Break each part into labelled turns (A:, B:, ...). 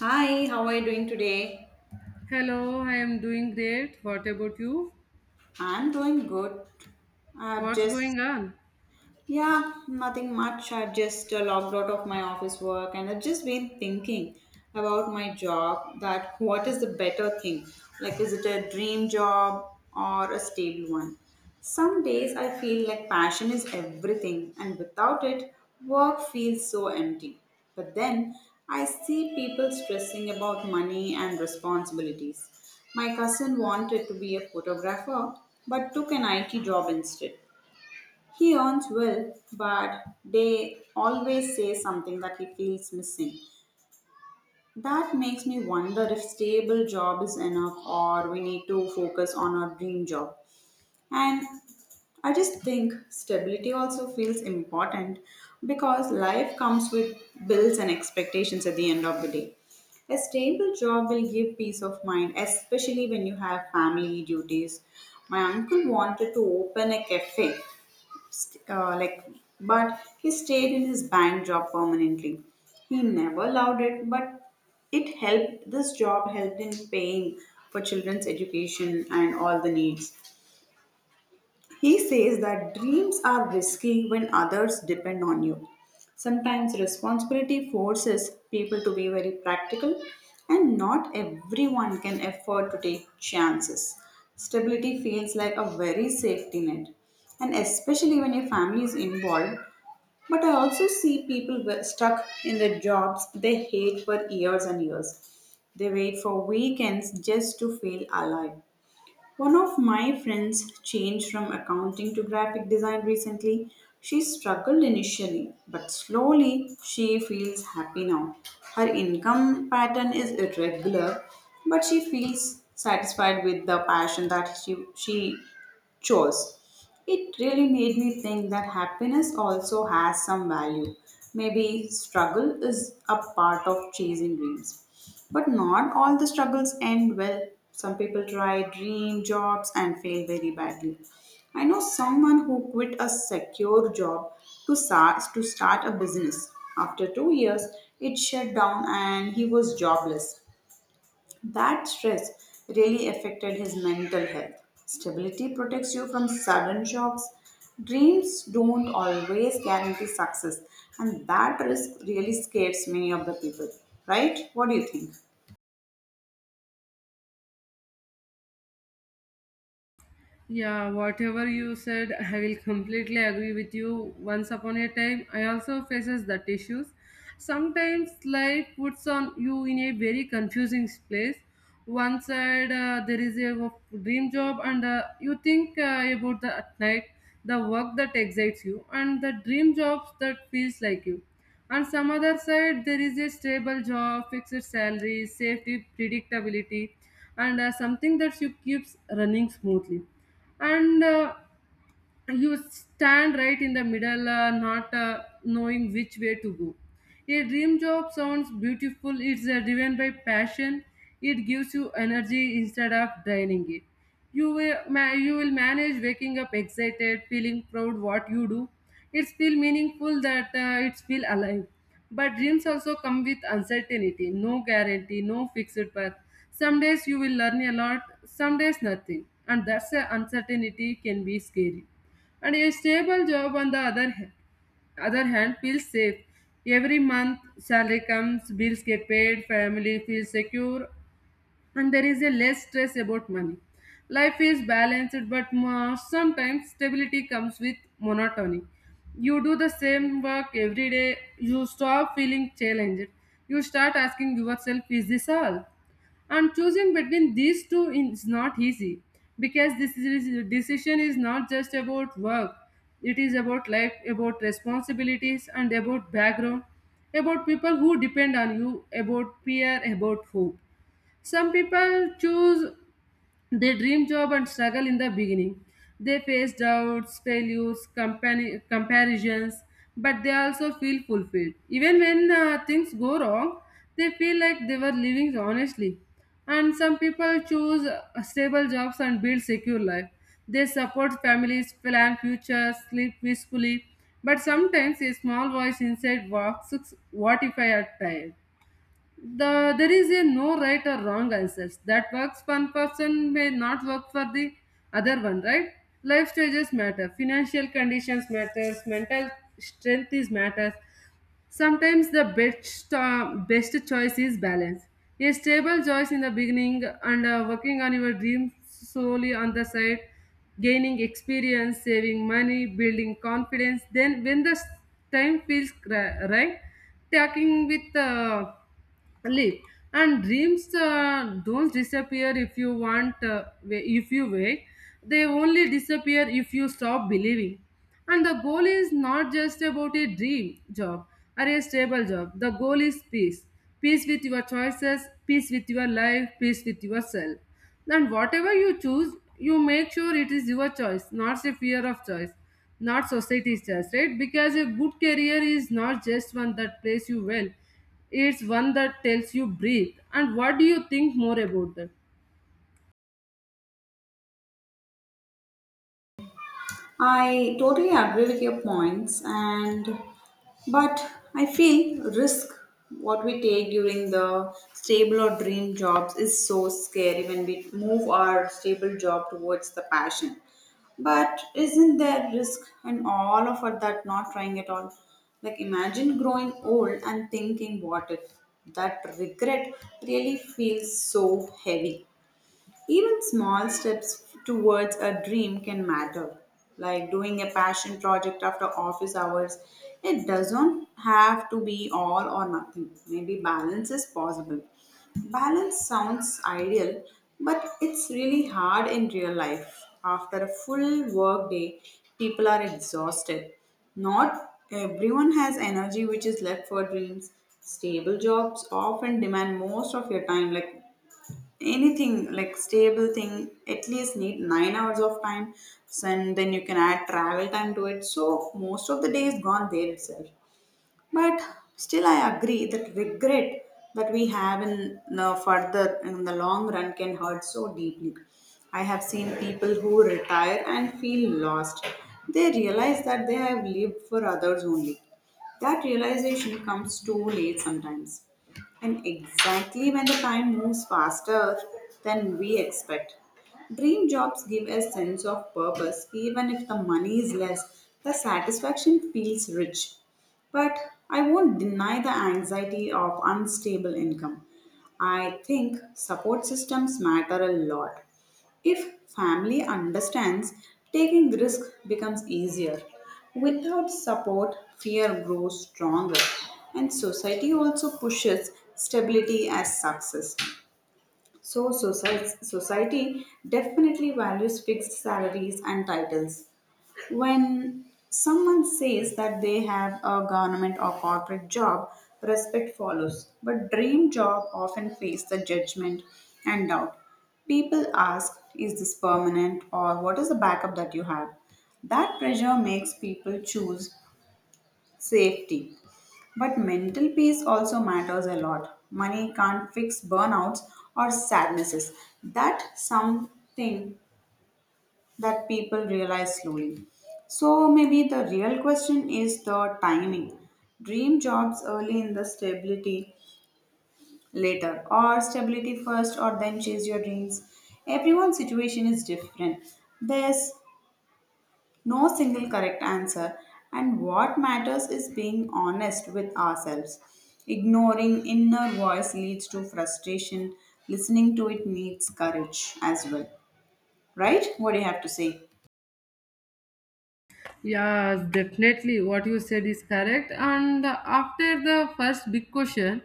A: Hi, how are you doing today?
B: Hello, I am doing great. What about you?
A: I'm doing good. I've
B: What's
A: just
B: going on?
A: yeah, nothing much. I just logged out of my office work, and I've just been thinking about my job, that what is the better thing? Like, is it a dream job or a stable one? Some days I feel like passion is everything, and without it, work feels so empty. But then I see people stressing about money and responsibilities. My cousin wanted to be a photographer, but took an IT job instead. He earns well, but they always say something that he feels missing. That makes me wonder if stable job is enough, or we need to focus on our dream job. And I just think stability also feels important because life comes with bills and expectations at the end of the day. A stable job will give peace of mind, especially when you have family duties. My uncle wanted to open a cafe, st- uh, like but he stayed in his bank job permanently. He never loved it, but it helped, this job helped in paying for children's education and all the needs. He says that dreams are risky when others depend on you. Sometimes responsibility forces people to be very practical, and not everyone can afford to take chances. Stability feels like a very safety net, and especially when your family is involved. But I also see people were stuck in the jobs they hate for years and years. They wait for weekends just to feel alive. One of my friends changed from accounting to graphic design recently. She struggled initially, but slowly she feels happy now. Her income pattern is irregular, but she feels satisfied with the passion that she chose. It really made me think that happiness also has some value. Maybe struggle is a part of chasing dreams. But not all the struggles end well. Some people try dream jobs and fail very badly. I know someone who quit a secure job to start a business. After 2 years, it shut down and he was jobless. That stress really affected his mental health. Stability protects you from sudden shocks. Dreams don't always guarantee success, and that risk really scares many of the people, right? What do you think?
B: Yeah, whatever you said, I will completely agree with you. Once upon a time, I also faces that issues. Sometimes life puts on you in a very confusing place. One side there is a dream job, and you think about the at night the work that excites you and the dream jobs that feels like you. On some other side, there is a stable job, fixed salary, safety, predictability, and something that you keeps running smoothly and you stand right in the middle, not knowing which way to go. A dream job sounds beautiful, it's driven by passion, it gives you energy instead of draining it. You will, you will manage waking up excited, feeling proud what you do. It's feel meaningful that it's feel alive. But dreams also come with uncertainty, no guarantee, no fixed path. Some days you will learn a lot, some days nothing. And that's the uncertainty can be scary, and a stable job on the other hand feels safe. Every month salary comes, bills get paid, family feels secure, and there is a less stress about money. Life is balanced, but sometimes stability comes with monotony. You do the same work every day, you stop feeling challenged, you start asking yourself, is this all? And choosing between these two is not easy, because decision is not just about work, it is about life, about responsibilities, and about background, about people who depend on you, about peer, about hope. Some people choose they dream job and struggle in the beginning. They face doubts, failures, comparisons, but they also feel fulfilled. Even when things go wrong, they feel like they were living honestly. And some people choose stable jobs and build secure life. They support families, plan futures, sleep peacefully. But sometimes a small voice inside asks, "What if I are tired?" There is a no right or wrong answers that works one person may not work for the other one, right? Life stages matter, financial conditions matters, mental strength is matters. Sometimes the best choice is balance, a stable choice in the beginning, and working on your dreams slowly on the side, gaining experience, saving money, building confidence. Then when the time feels right, talking with live, and dreams don't disappear if you want if you wait. They only disappear if you stop believing. And the goal is not just about a dream job or a stable job, the goal is peace. Peace with your choices, peace with your life, peace with yourself. And whatever you choose, you make sure it is your choice, not a fear of choice, not society's choice, right? Because a good career is not just one that plays you well, it's one that tells you breathe. And what do you think more about that?
A: I totally agree with your points, and but I feel risk what we take during the stable or dream jobs is so scary when we move our stable job towards the passion. But isn't there risk in all of it, that not trying at all? Like, imagine growing old and thinking what if, that regret really feels so heavy. Even small steps towards a dream can matter, like doing a passion project after office hours. It doesn't have to be all or nothing. Maybe balance is possible. Balance sounds ideal, but it's really hard in real life. After a full work day, people are exhausted. Not everyone has energy which is left for dreams. Stable jobs often demand most of your time, like anything like stable thing at least need 9 hours of time. So, and then you can add travel time to it, so most of the day is gone there itself. But still, I agree that regret that we have in the further, in the long run, can hurt so deeply. I have seen people who retire and feel lost. They realize that they have lived for others only. That realization comes too late sometimes, and exactly when the time moves faster than we expect. Dream jobs give a sense of purpose; even if the money is less, the satisfaction feels rich. But I won't deny the anxiety of unstable income. I think support systems matter a lot. If family understands, taking risk becomes easier. Without support, fear grows stronger, and society also pushes stability as success. So, society definitely values fixed salaries and titles. When someone says that they have a government or corporate job, respect follows. But dream job often face the judgment and doubt. People ask, is this permanent, or what is the backup that you have? That pressure makes people choose safety, but mental peace also matters a lot. Money can't fix burnouts or sadnesses. That's something that people realize slowly. So maybe the real question is the timing. Dream jobs early in the stability later, or stability first, or then chase your dreams. Everyone's situation is different. There's no single correct answer, and what matters is being honest with ourselves. Ignoring inner voice leads to frustration; listening to it needs courage as well. Right? What do you have to say?
B: Yes, definitely. What you said is correct. And after the first big question,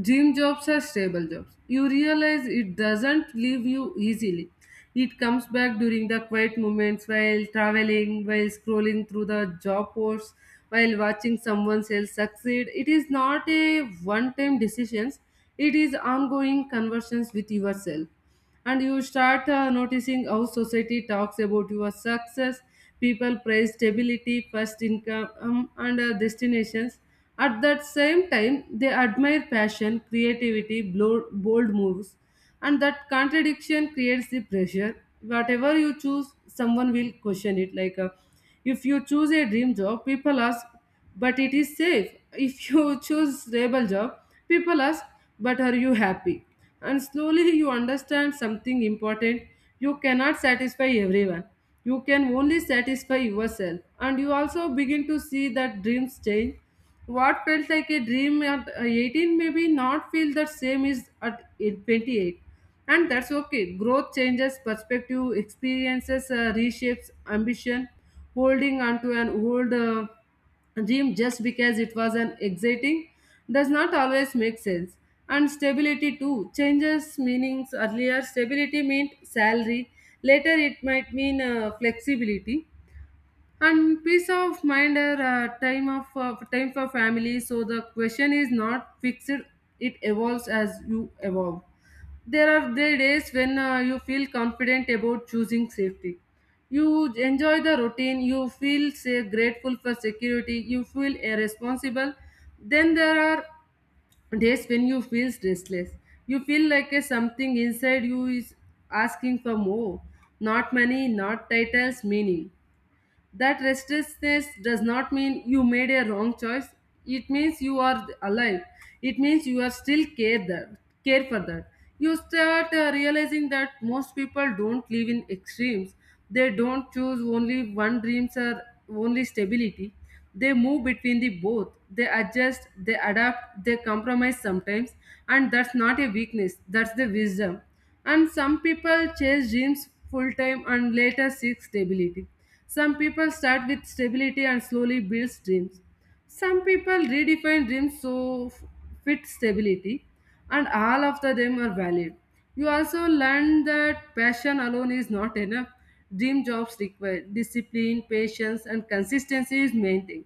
B: dream jobs are stable jobs. You realize it doesn't leave you easily. It comes back during the quiet moments, while traveling, while scrolling through the job posts, while watching someone else succeed. It is not a one time decisions. It is ongoing conversations with yourself. And you start noticing how society talks about your success. People praise stability first, income, and destinations. At that same time they admire passion, creativity, bold moves. And that contradiction creates the pressure. Whatever you choose, someone will question it. If you choose a dream job, people ask, but it is safe. If you choose stable job, people ask, but are you happy? And slowly you understand something important. You cannot satisfy everyone. You can only satisfy yourself. And you also begin to see that dreams change. What felt like a dream at 18 maybe not feel the same is at 28. And that's okay. Growth changes perspective, experiences reshapes ambition. Holding onto an old gym just because it was an exciting does not always make sense. And stability too changes meanings. Earlier stability meant salary, later it might mean flexibility and peace of mind, or time for family. So the question is not fixed, it evolves as you evolve. There are the days when you feel confident about choosing safety. You enjoy the routine, you feel say, grateful for security, you feel irresponsible. Then there are days when you feel restless. You feel like a something inside you is asking for more. Not money, not titles, meaning. That restlessness does not mean you made a wrong choice. It means you are alive. It means you are still care that care for that. You start realizing that most people don't live in extremes. They don't choose only one dreams or only stability. They move between the both. They adjust, they adapt, they compromise sometimes, and that's not a weakness. That's the wisdom. And some people chase dreams full time and later seek stability. Some people start with stability and slowly build dreams. Some people redefine dreams fit stability, and all of the them are valid. You also learn that passion alone is not enough. Dream jobs require discipline, patience, and consistency is main thing.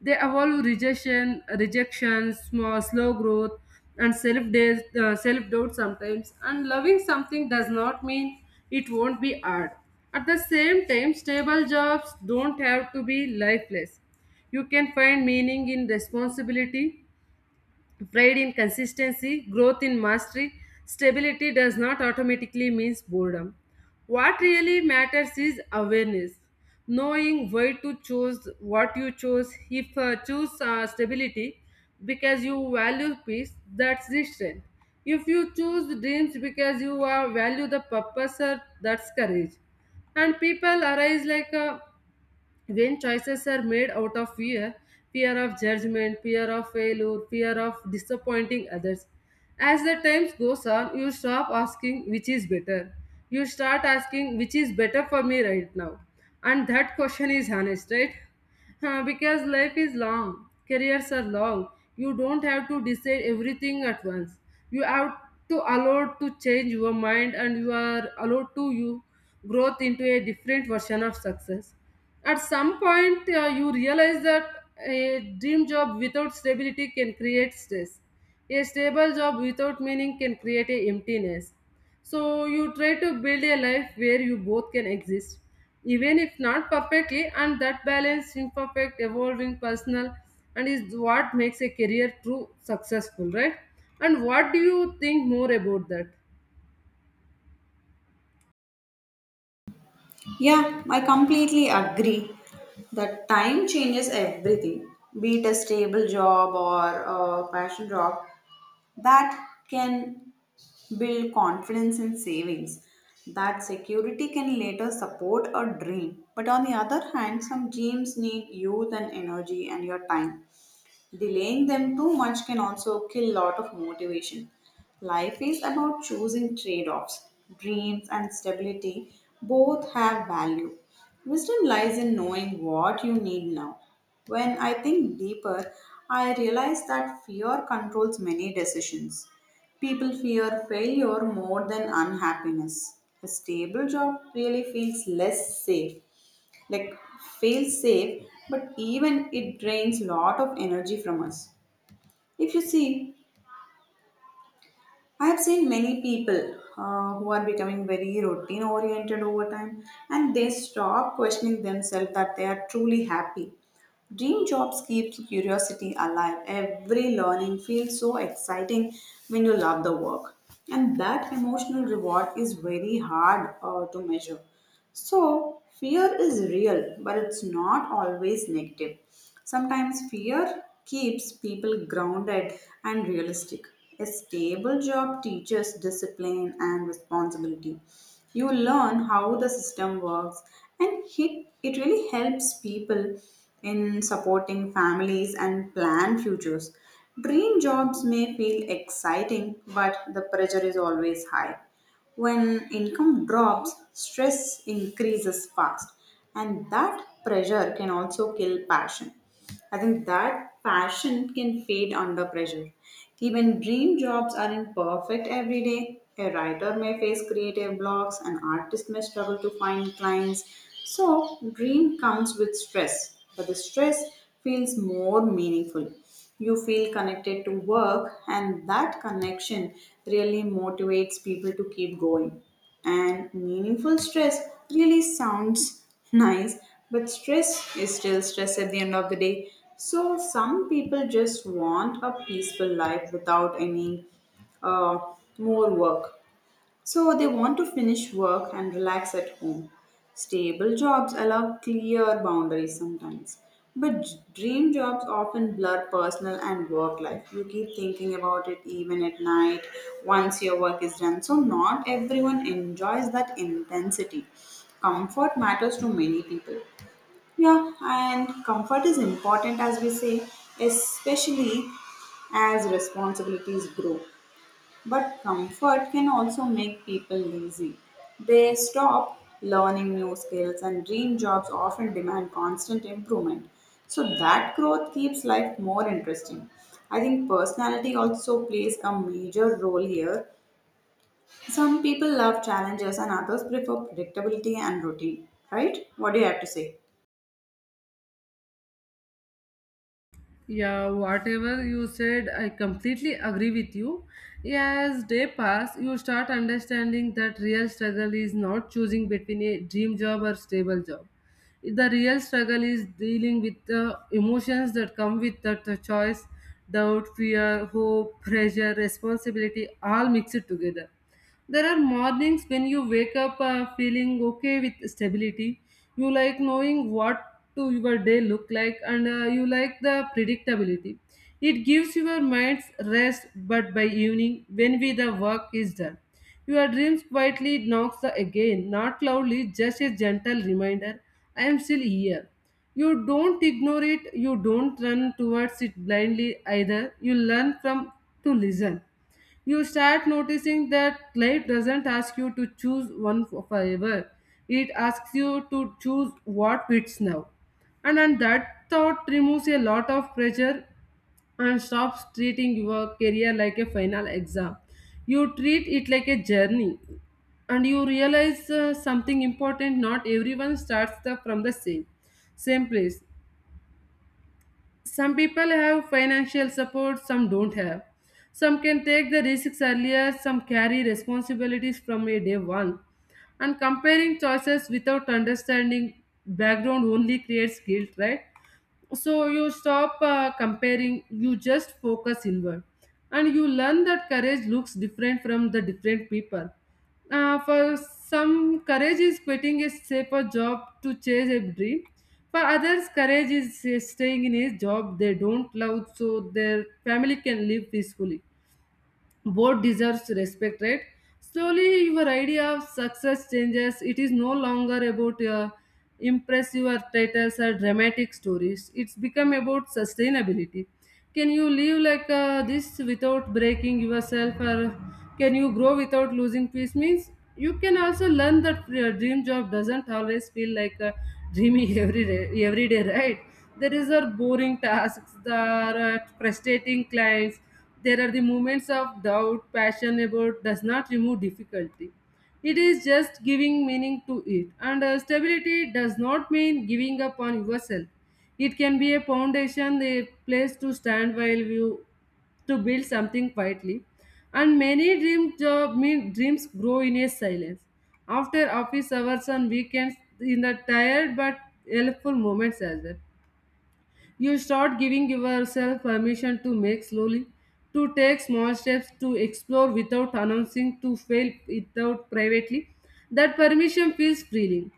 B: They evolve rejection, rejection, small slow growth, and self doubt sometimes. And loving something does not mean it won't be hard. At the same time, stable jobs don't have to be lifeless. You can find meaning in responsibility, pride in consistency, growth in mastery. Stability does not automatically mean boredom. What really matters is awareness, knowing why to choose what you chose. If choose stability because you value peace, that's the strength. If you choose dreams because you value the purpose, that's courage. And people arise like a when choices are made out of fear, fear of judgment, fear of failure, fear of disappointing others. As the time goes on, you stop asking which is better, you start asking which is better for me right now. And that question is honest, right? Huh, because life is long, careers are long. You don't have to decide everything at once. You have to allowed to change your mind, and you are allowed to you growth into a different version of success. At some point, you realize that a dream job without stability can create stress. A stable job without meaning can create a emptiness. So you try to build a life where you both can exist, even if not perfectly, and that balance, imperfect, evolving, personal, and is what makes a career true successful, right? And what do you think more about that?
A: Yeah, I completely agree that time changes everything, be it a stable job or a passion job, that can build confidence in savings. That security can later support a dream. But on the other hand, some dreams need youth and energy and your time. Delaying them too much can also kill a lot of motivation. Life is about choosing trade offs. Dreams and stability both have value. Wisdom lies in knowing what you need now. When I think deeper, I realize that fear controls many decisions. People fear failure more than unhappiness. A stable job really feels less safe, like fail safe, but even it drains lot of energy from us. If you see, I have seen many people who are becoming very routine oriented over time, and they stop questioning themselves that they are truly happy. Dream jobs keep curiosity alive; every learning feels so exciting when you love the work, and that emotional reward is very hard to measure. So, fear is real, but it's not always negative. Sometimes fear keeps people grounded and realistic. A stable job teaches discipline and responsibility. You learn how the system works, and it really helps people in supporting families and plan futures. Dream jobs may feel exciting, but the pressure is always high. When income drops, stress increases fast, and that pressure can also kill passion. I think that passion can fade under pressure. Even dream jobs aren't perfect every day. A writer may face creative blocks, an artist may struggle to find clients. So, dream comes with stress, but the stress feels more meaningful. You feel connected to work, and that connection really motivates people to keep going. And meaningful stress really sounds nice, but stress is still stress at the end of the day. So, some people just want a peaceful life without any uh, more work, so they want to finish work and relax at home. Stable jobs allow clear boundaries sometimes. But dream jobs often blur personal and work life. You keep thinking about it even at night once your work is done. So, not everyone enjoys that intensity. Comfort matters to many people. Yeah, and comfort is important as we say, especially as responsibilities grow. But comfort can also make people lazy. They stop learning new skills, and dream jobs often demand constant improvement. So, that growth keeps life more interesting. I think personality also plays a major role here. Some people love challenges, and others prefer predictability and routine, right? What do you have to say?
B: Yeah, whatever you said, I completely agree with you. As day pass, you start understanding that real struggle is not choosing between a dream job or stable job. The real struggle is dealing with the emotions that come with that choice, doubt, fear, hope, pressure, responsibility, all mixed together. There are mornings when you wake up feeling okay with stability. You like knowing what to your day look like, and you like the predictability. It gives your minds rest, but by evening when we the work is done. Your dreams quietly knocks the again, not loudly, just a gentle reminder. I am still here. You don't ignore it, you don't run towards it blindly either. You learn from to listen. You start noticing that life doesn't ask you to choose one for forever. It asks you to choose what fits now. And that thought removes a lot of pressure and stops treating your career like a final exam. You treat it like a journey. And you realize something important, not everyone starts the, from the same place. Some people have financial support, some don't have. Some can take the risks earlier, some carry responsibilities from a day one. And comparing choices without understanding background only creates guilt, right? So you stop comparing, you just focus inward. And you learn that courage looks different from the different people. For some, courage is quitting a safer job to chase a dream. For others, courage is staying in a job they don't love so their family can live peacefully. Both deserves respect, right? Slowly your idea of success changes. It is no longer about impressive or titles or dramatic stories, it's become about sustainability. Can you live like this without breaking yourself, or can you grow without losing peace means? You can also learn that your dream job doesn't always feel like a dreamy every day, every day, right? There is a boring tasks, there are frustrating clients, there are the moments of doubt, passion about does not remove difficulty. It is just giving meaning to it. And stability does not mean giving up on yourself. It can be a foundation, a place to stand while you to build something quietly. And many dream job mean dreams grow in a silence. After office hours on weekends, in the tired but helpful moments as well. You start giving yourself permission to make slowly, to take small steps, to explore without announcing, to fail without privately. That permission feels freeing.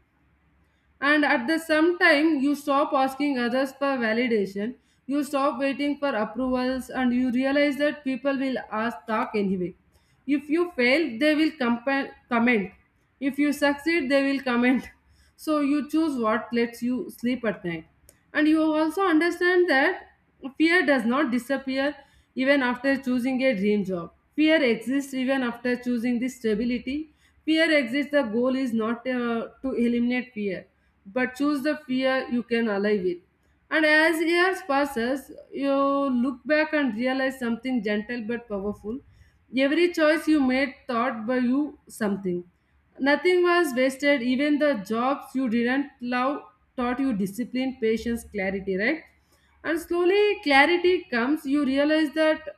B: And at the same time, you stop asking others for validation. You stop waiting for approvals and you realize that people will ask talk anyway. If you fail, they will comment. If you succeed, they will comment. So you choose what lets you sleep at night. And you also understand that fear does not disappear even after choosing a dream job. Fear exists even after choosing this stability. Fear exists. The goal is not to eliminate fear, but choose the fear you can alive with. And as years passes, you look back and realize something gentle but powerful. Every choice you made taught by you something. Nothing was wasted, even the jobs you didn't love taught you discipline, patience, clarity, right? And slowly clarity comes, you realize that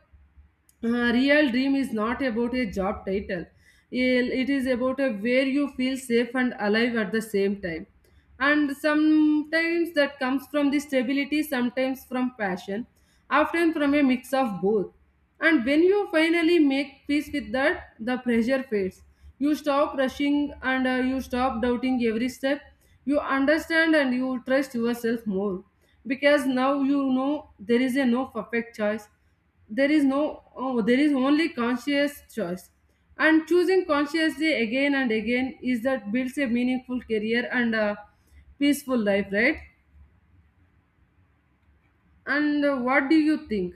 B: real dream is not about a job title, it is about a where you feel safe and alive at the same time, and sometimes that comes from the stability, sometimes from passion, often from a mix of both. And when you finally make peace with that, the pressure fades. You stop rushing and you stop doubting every step. You understand and you trust yourself more, because now you know there is a no perfect choice. There is no there is only conscious choice, and choosing consciously again and again is that builds a meaningful career and a peaceful life, right? And what do you think?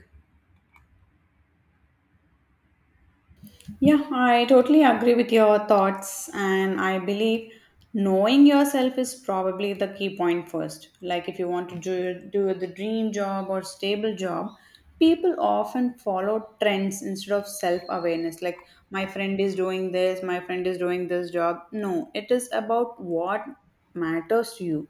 A: Yeah, I totally agree with your thoughts, and I believe knowing yourself is probably the key point first. Like, if you want to do, do the dream job or stable job, people often follow trends instead of self awareness. Like, my friend is doing this, my friend is doing this job. No, it is about what matters to you.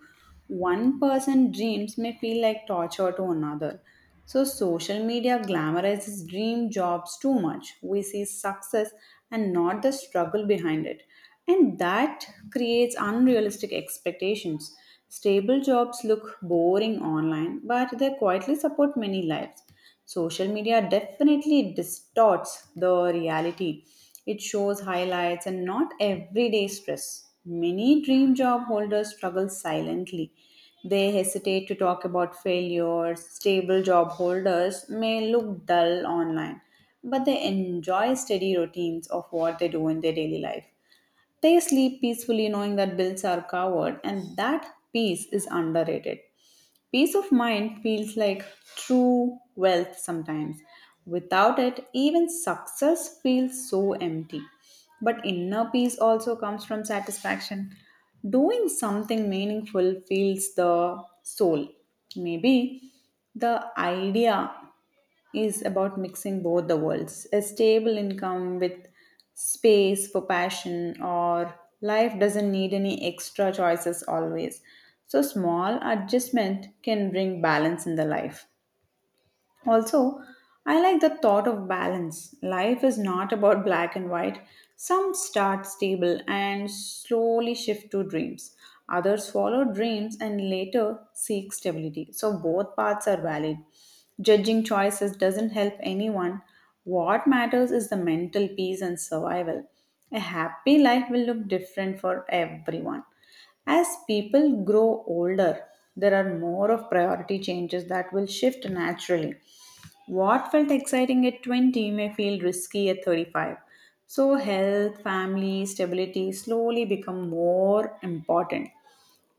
A: One person dreams may feel like torture to another. So, social media glamorizes dream jobs too much. We see success and not the struggle behind it. And that creates unrealistic expectations. Stable jobs look boring online, but they quietly support many lives. Social media definitely distorts the reality. It shows highlights and not everyday stress. Many dream job holders struggle silently; they hesitate to talk about failures. Stable job holders may look dull online, but they enjoy steady routines of what they do in their daily life. They sleep peacefully knowing that bills are covered, and that peace is underrated. Peace of mind feels like true wealth sometimes. Without it, even success feels so empty. But inner peace also comes from satisfaction. Doing something meaningful fills the soul. Maybe the idea is about mixing both the worlds, a stable income with space for passion, or life doesn't need any extra choices always. So small adjustment can bring balance in the life. Also, I like the thought of balance. Life is not about black and white. Some start stable and slowly shift to dreams. Others follow dreams and later seek stability. So both paths are valid. Judging choices doesn't help anyone. What matters is the mental peace and survival. A happy life will look different for everyone. As people grow older, there are more of priority changes that will shift naturally. What felt exciting at 20 may feel risky at 35. So, health, family, stability slowly become more important.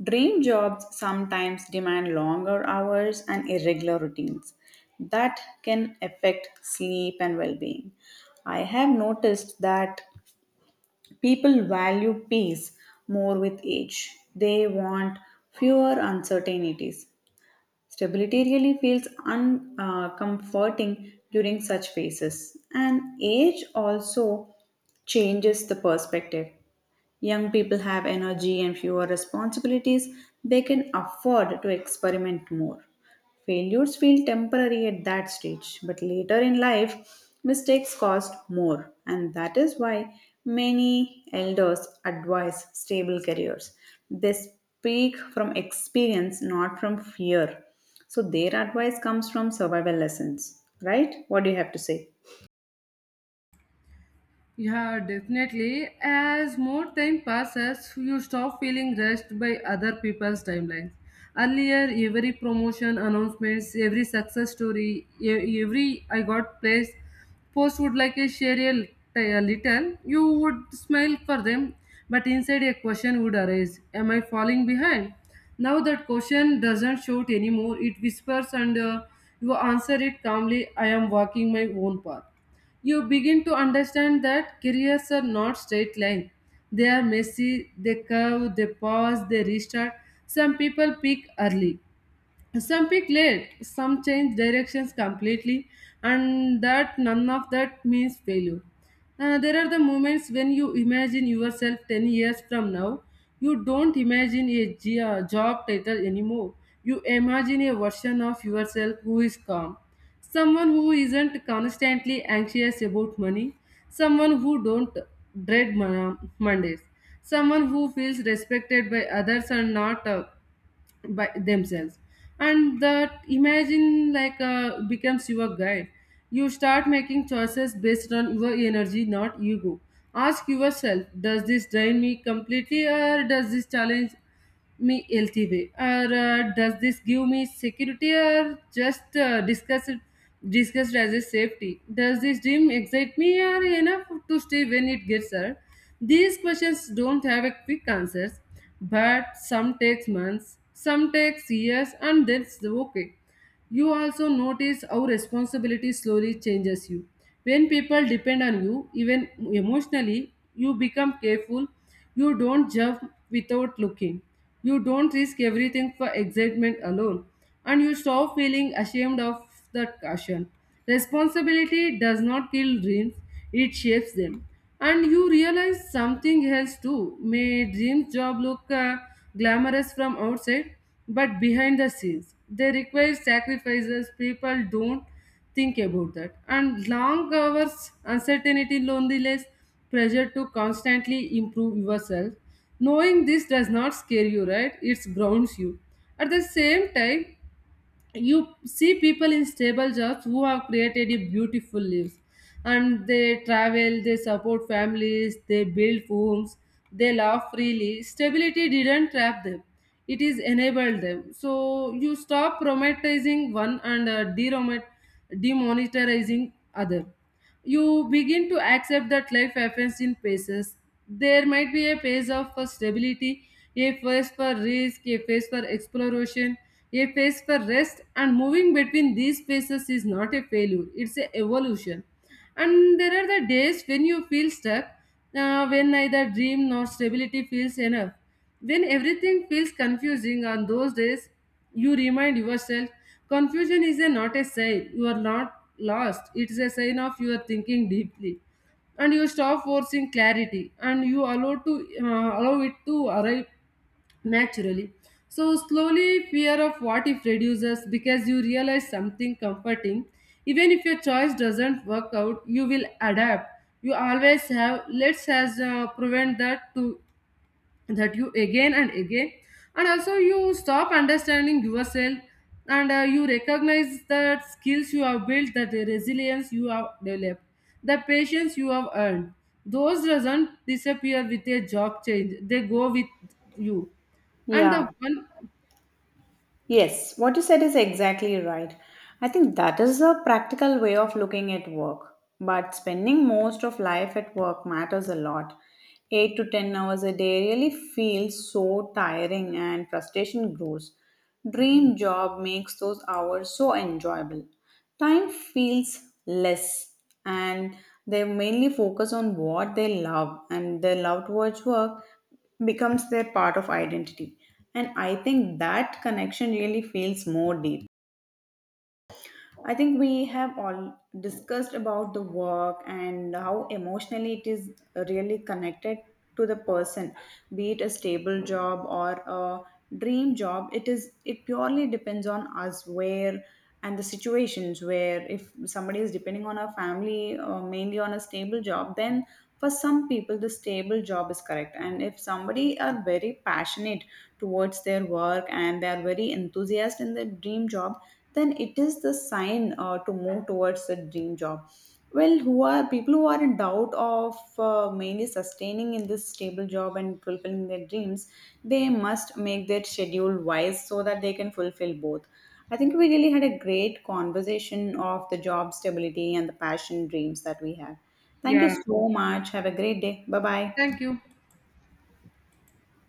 A: Dream jobs sometimes demand longer hours and irregular routines that can affect sleep and well being. I have noticed that people value peace more with age. They want fewer uncertainties. Stability really feels uncomforting comforting during such phases. And age also changes the perspective. Young people have energy and fewer responsibilities. They can afford to experiment more. Failures feel temporary at that stage, but later in life, mistakes cost more, and that is why many elders advise stable careers. They speak from experience, not from fear. So, their advice comes from survival lessons, right? What do you have to say?
B: Yeah, definitely. As more time passes, you stop feeling rushed by other people's timelines. Earlier, every promotion announcements, every success story, every I got place post would like a share a a little. You would smile for them, but inside a question would arise: am I falling behind? Now that question doesn't shout anymore. It whispers, and you answer it calmly. I am walking my own path. You begin to understand that careers are not straight line. They are messy, they curve, they pause, they restart. Some people peak early, some pick late, some change directions completely, and that none of that means failure. There are the moments when you imagine yourself 10 years from now. You don't imagine a job title anymore. You imagine a version of yourself who is calm, someone who isn't constantly anxious about money, someone who don't dread Mondays, someone who feels respected by others and not by themselves. And that imagine like becomes your guide. You start making choices based on your energy not ego. Ask yourself, does this drain me completely or does this challenge me LTV? Or does this give me security or just discussed as a safety? Does this dream excite me or enough to stay when it gets hurt? These questions don't have a quick answers, but some takes months, some takes years, and that's the okay. You also notice how responsibility slowly changes you. When people depend on you, even emotionally, you become careful. You don't jump without looking. You don't risk everything for excitement alone. And you stop feeling ashamed of that caution. Responsibility does not kill dreams, it shapes them. And you realize something else too. May dreams job look glamorous from outside, but behind the scenes, they require sacrifices people don't think about that. And long hours, uncertainty, loneliness, pressure to constantly improve yourself. Knowing this does not scare you, right? It grounds you. At the same time, you see people in stable jobs who have created a beautiful lives, and they travel, they support families, they build homes, they laugh freely. Stability didn't trap them, it is enabled them. So you stop romanticizing one and demonetizing other. You begin to accept that life happens in phases. There might be a phase of for stability, a phase for risk, a phase for exploration, a phase for rest, and moving between these phases is not a failure, it's an evolution. And there are the days when you feel stuck, when neither dream nor stability feels enough. When everything feels confusing on those days, you remind yourself confusion is a, not a sign you are not lost, it's a sign of you are thinking deeply. And you stop forcing clarity and you allow it to arrive naturally. So, slowly, fear of what if reduces because you realize something comforting. Even if your choice doesn't work out, you will adapt. You always have, prevent that to that you again and again. And also you stop understanding yourself, and you recognize the skills you have built, that the resilience you have developed, the patience you have earned, those doesn't disappear with a job change, they go with you and the
A: Yeah.
B: one.
A: Yes, what you said is exactly right. I think that is a practical way of looking at work. But spending most of life at work matters a lot. 8 to 10 hours a day really feels so tiring and frustration grows. Dream job makes those hours so enjoyable. Time feels less, and they mainly focus on what they love, and their loved one's work becomes their part of identity. And I think that connection really feels more deep. I think we have all discussed about the work and how emotionally it is really connected to the person, be it a stable job or a dream job. It is, it purely depends on us where and the situations where if somebody is depending on a family mainly on a stable job, then for some people the stable job is correct. And if somebody are very passionate towards their work and they are very enthusiastic in their dream job, then it is the sign to move towards a dream job. Well, who are people who are in doubt of mainly sustaining in this stable job and fulfilling their dreams, they must make their schedule wise so that they can fulfill both. I think we really had a great conversation of the job stability and the passion dreams that we have. Thank you
B: Yeah,
A: so much. Have a great day. Bye bye.
B: thank you.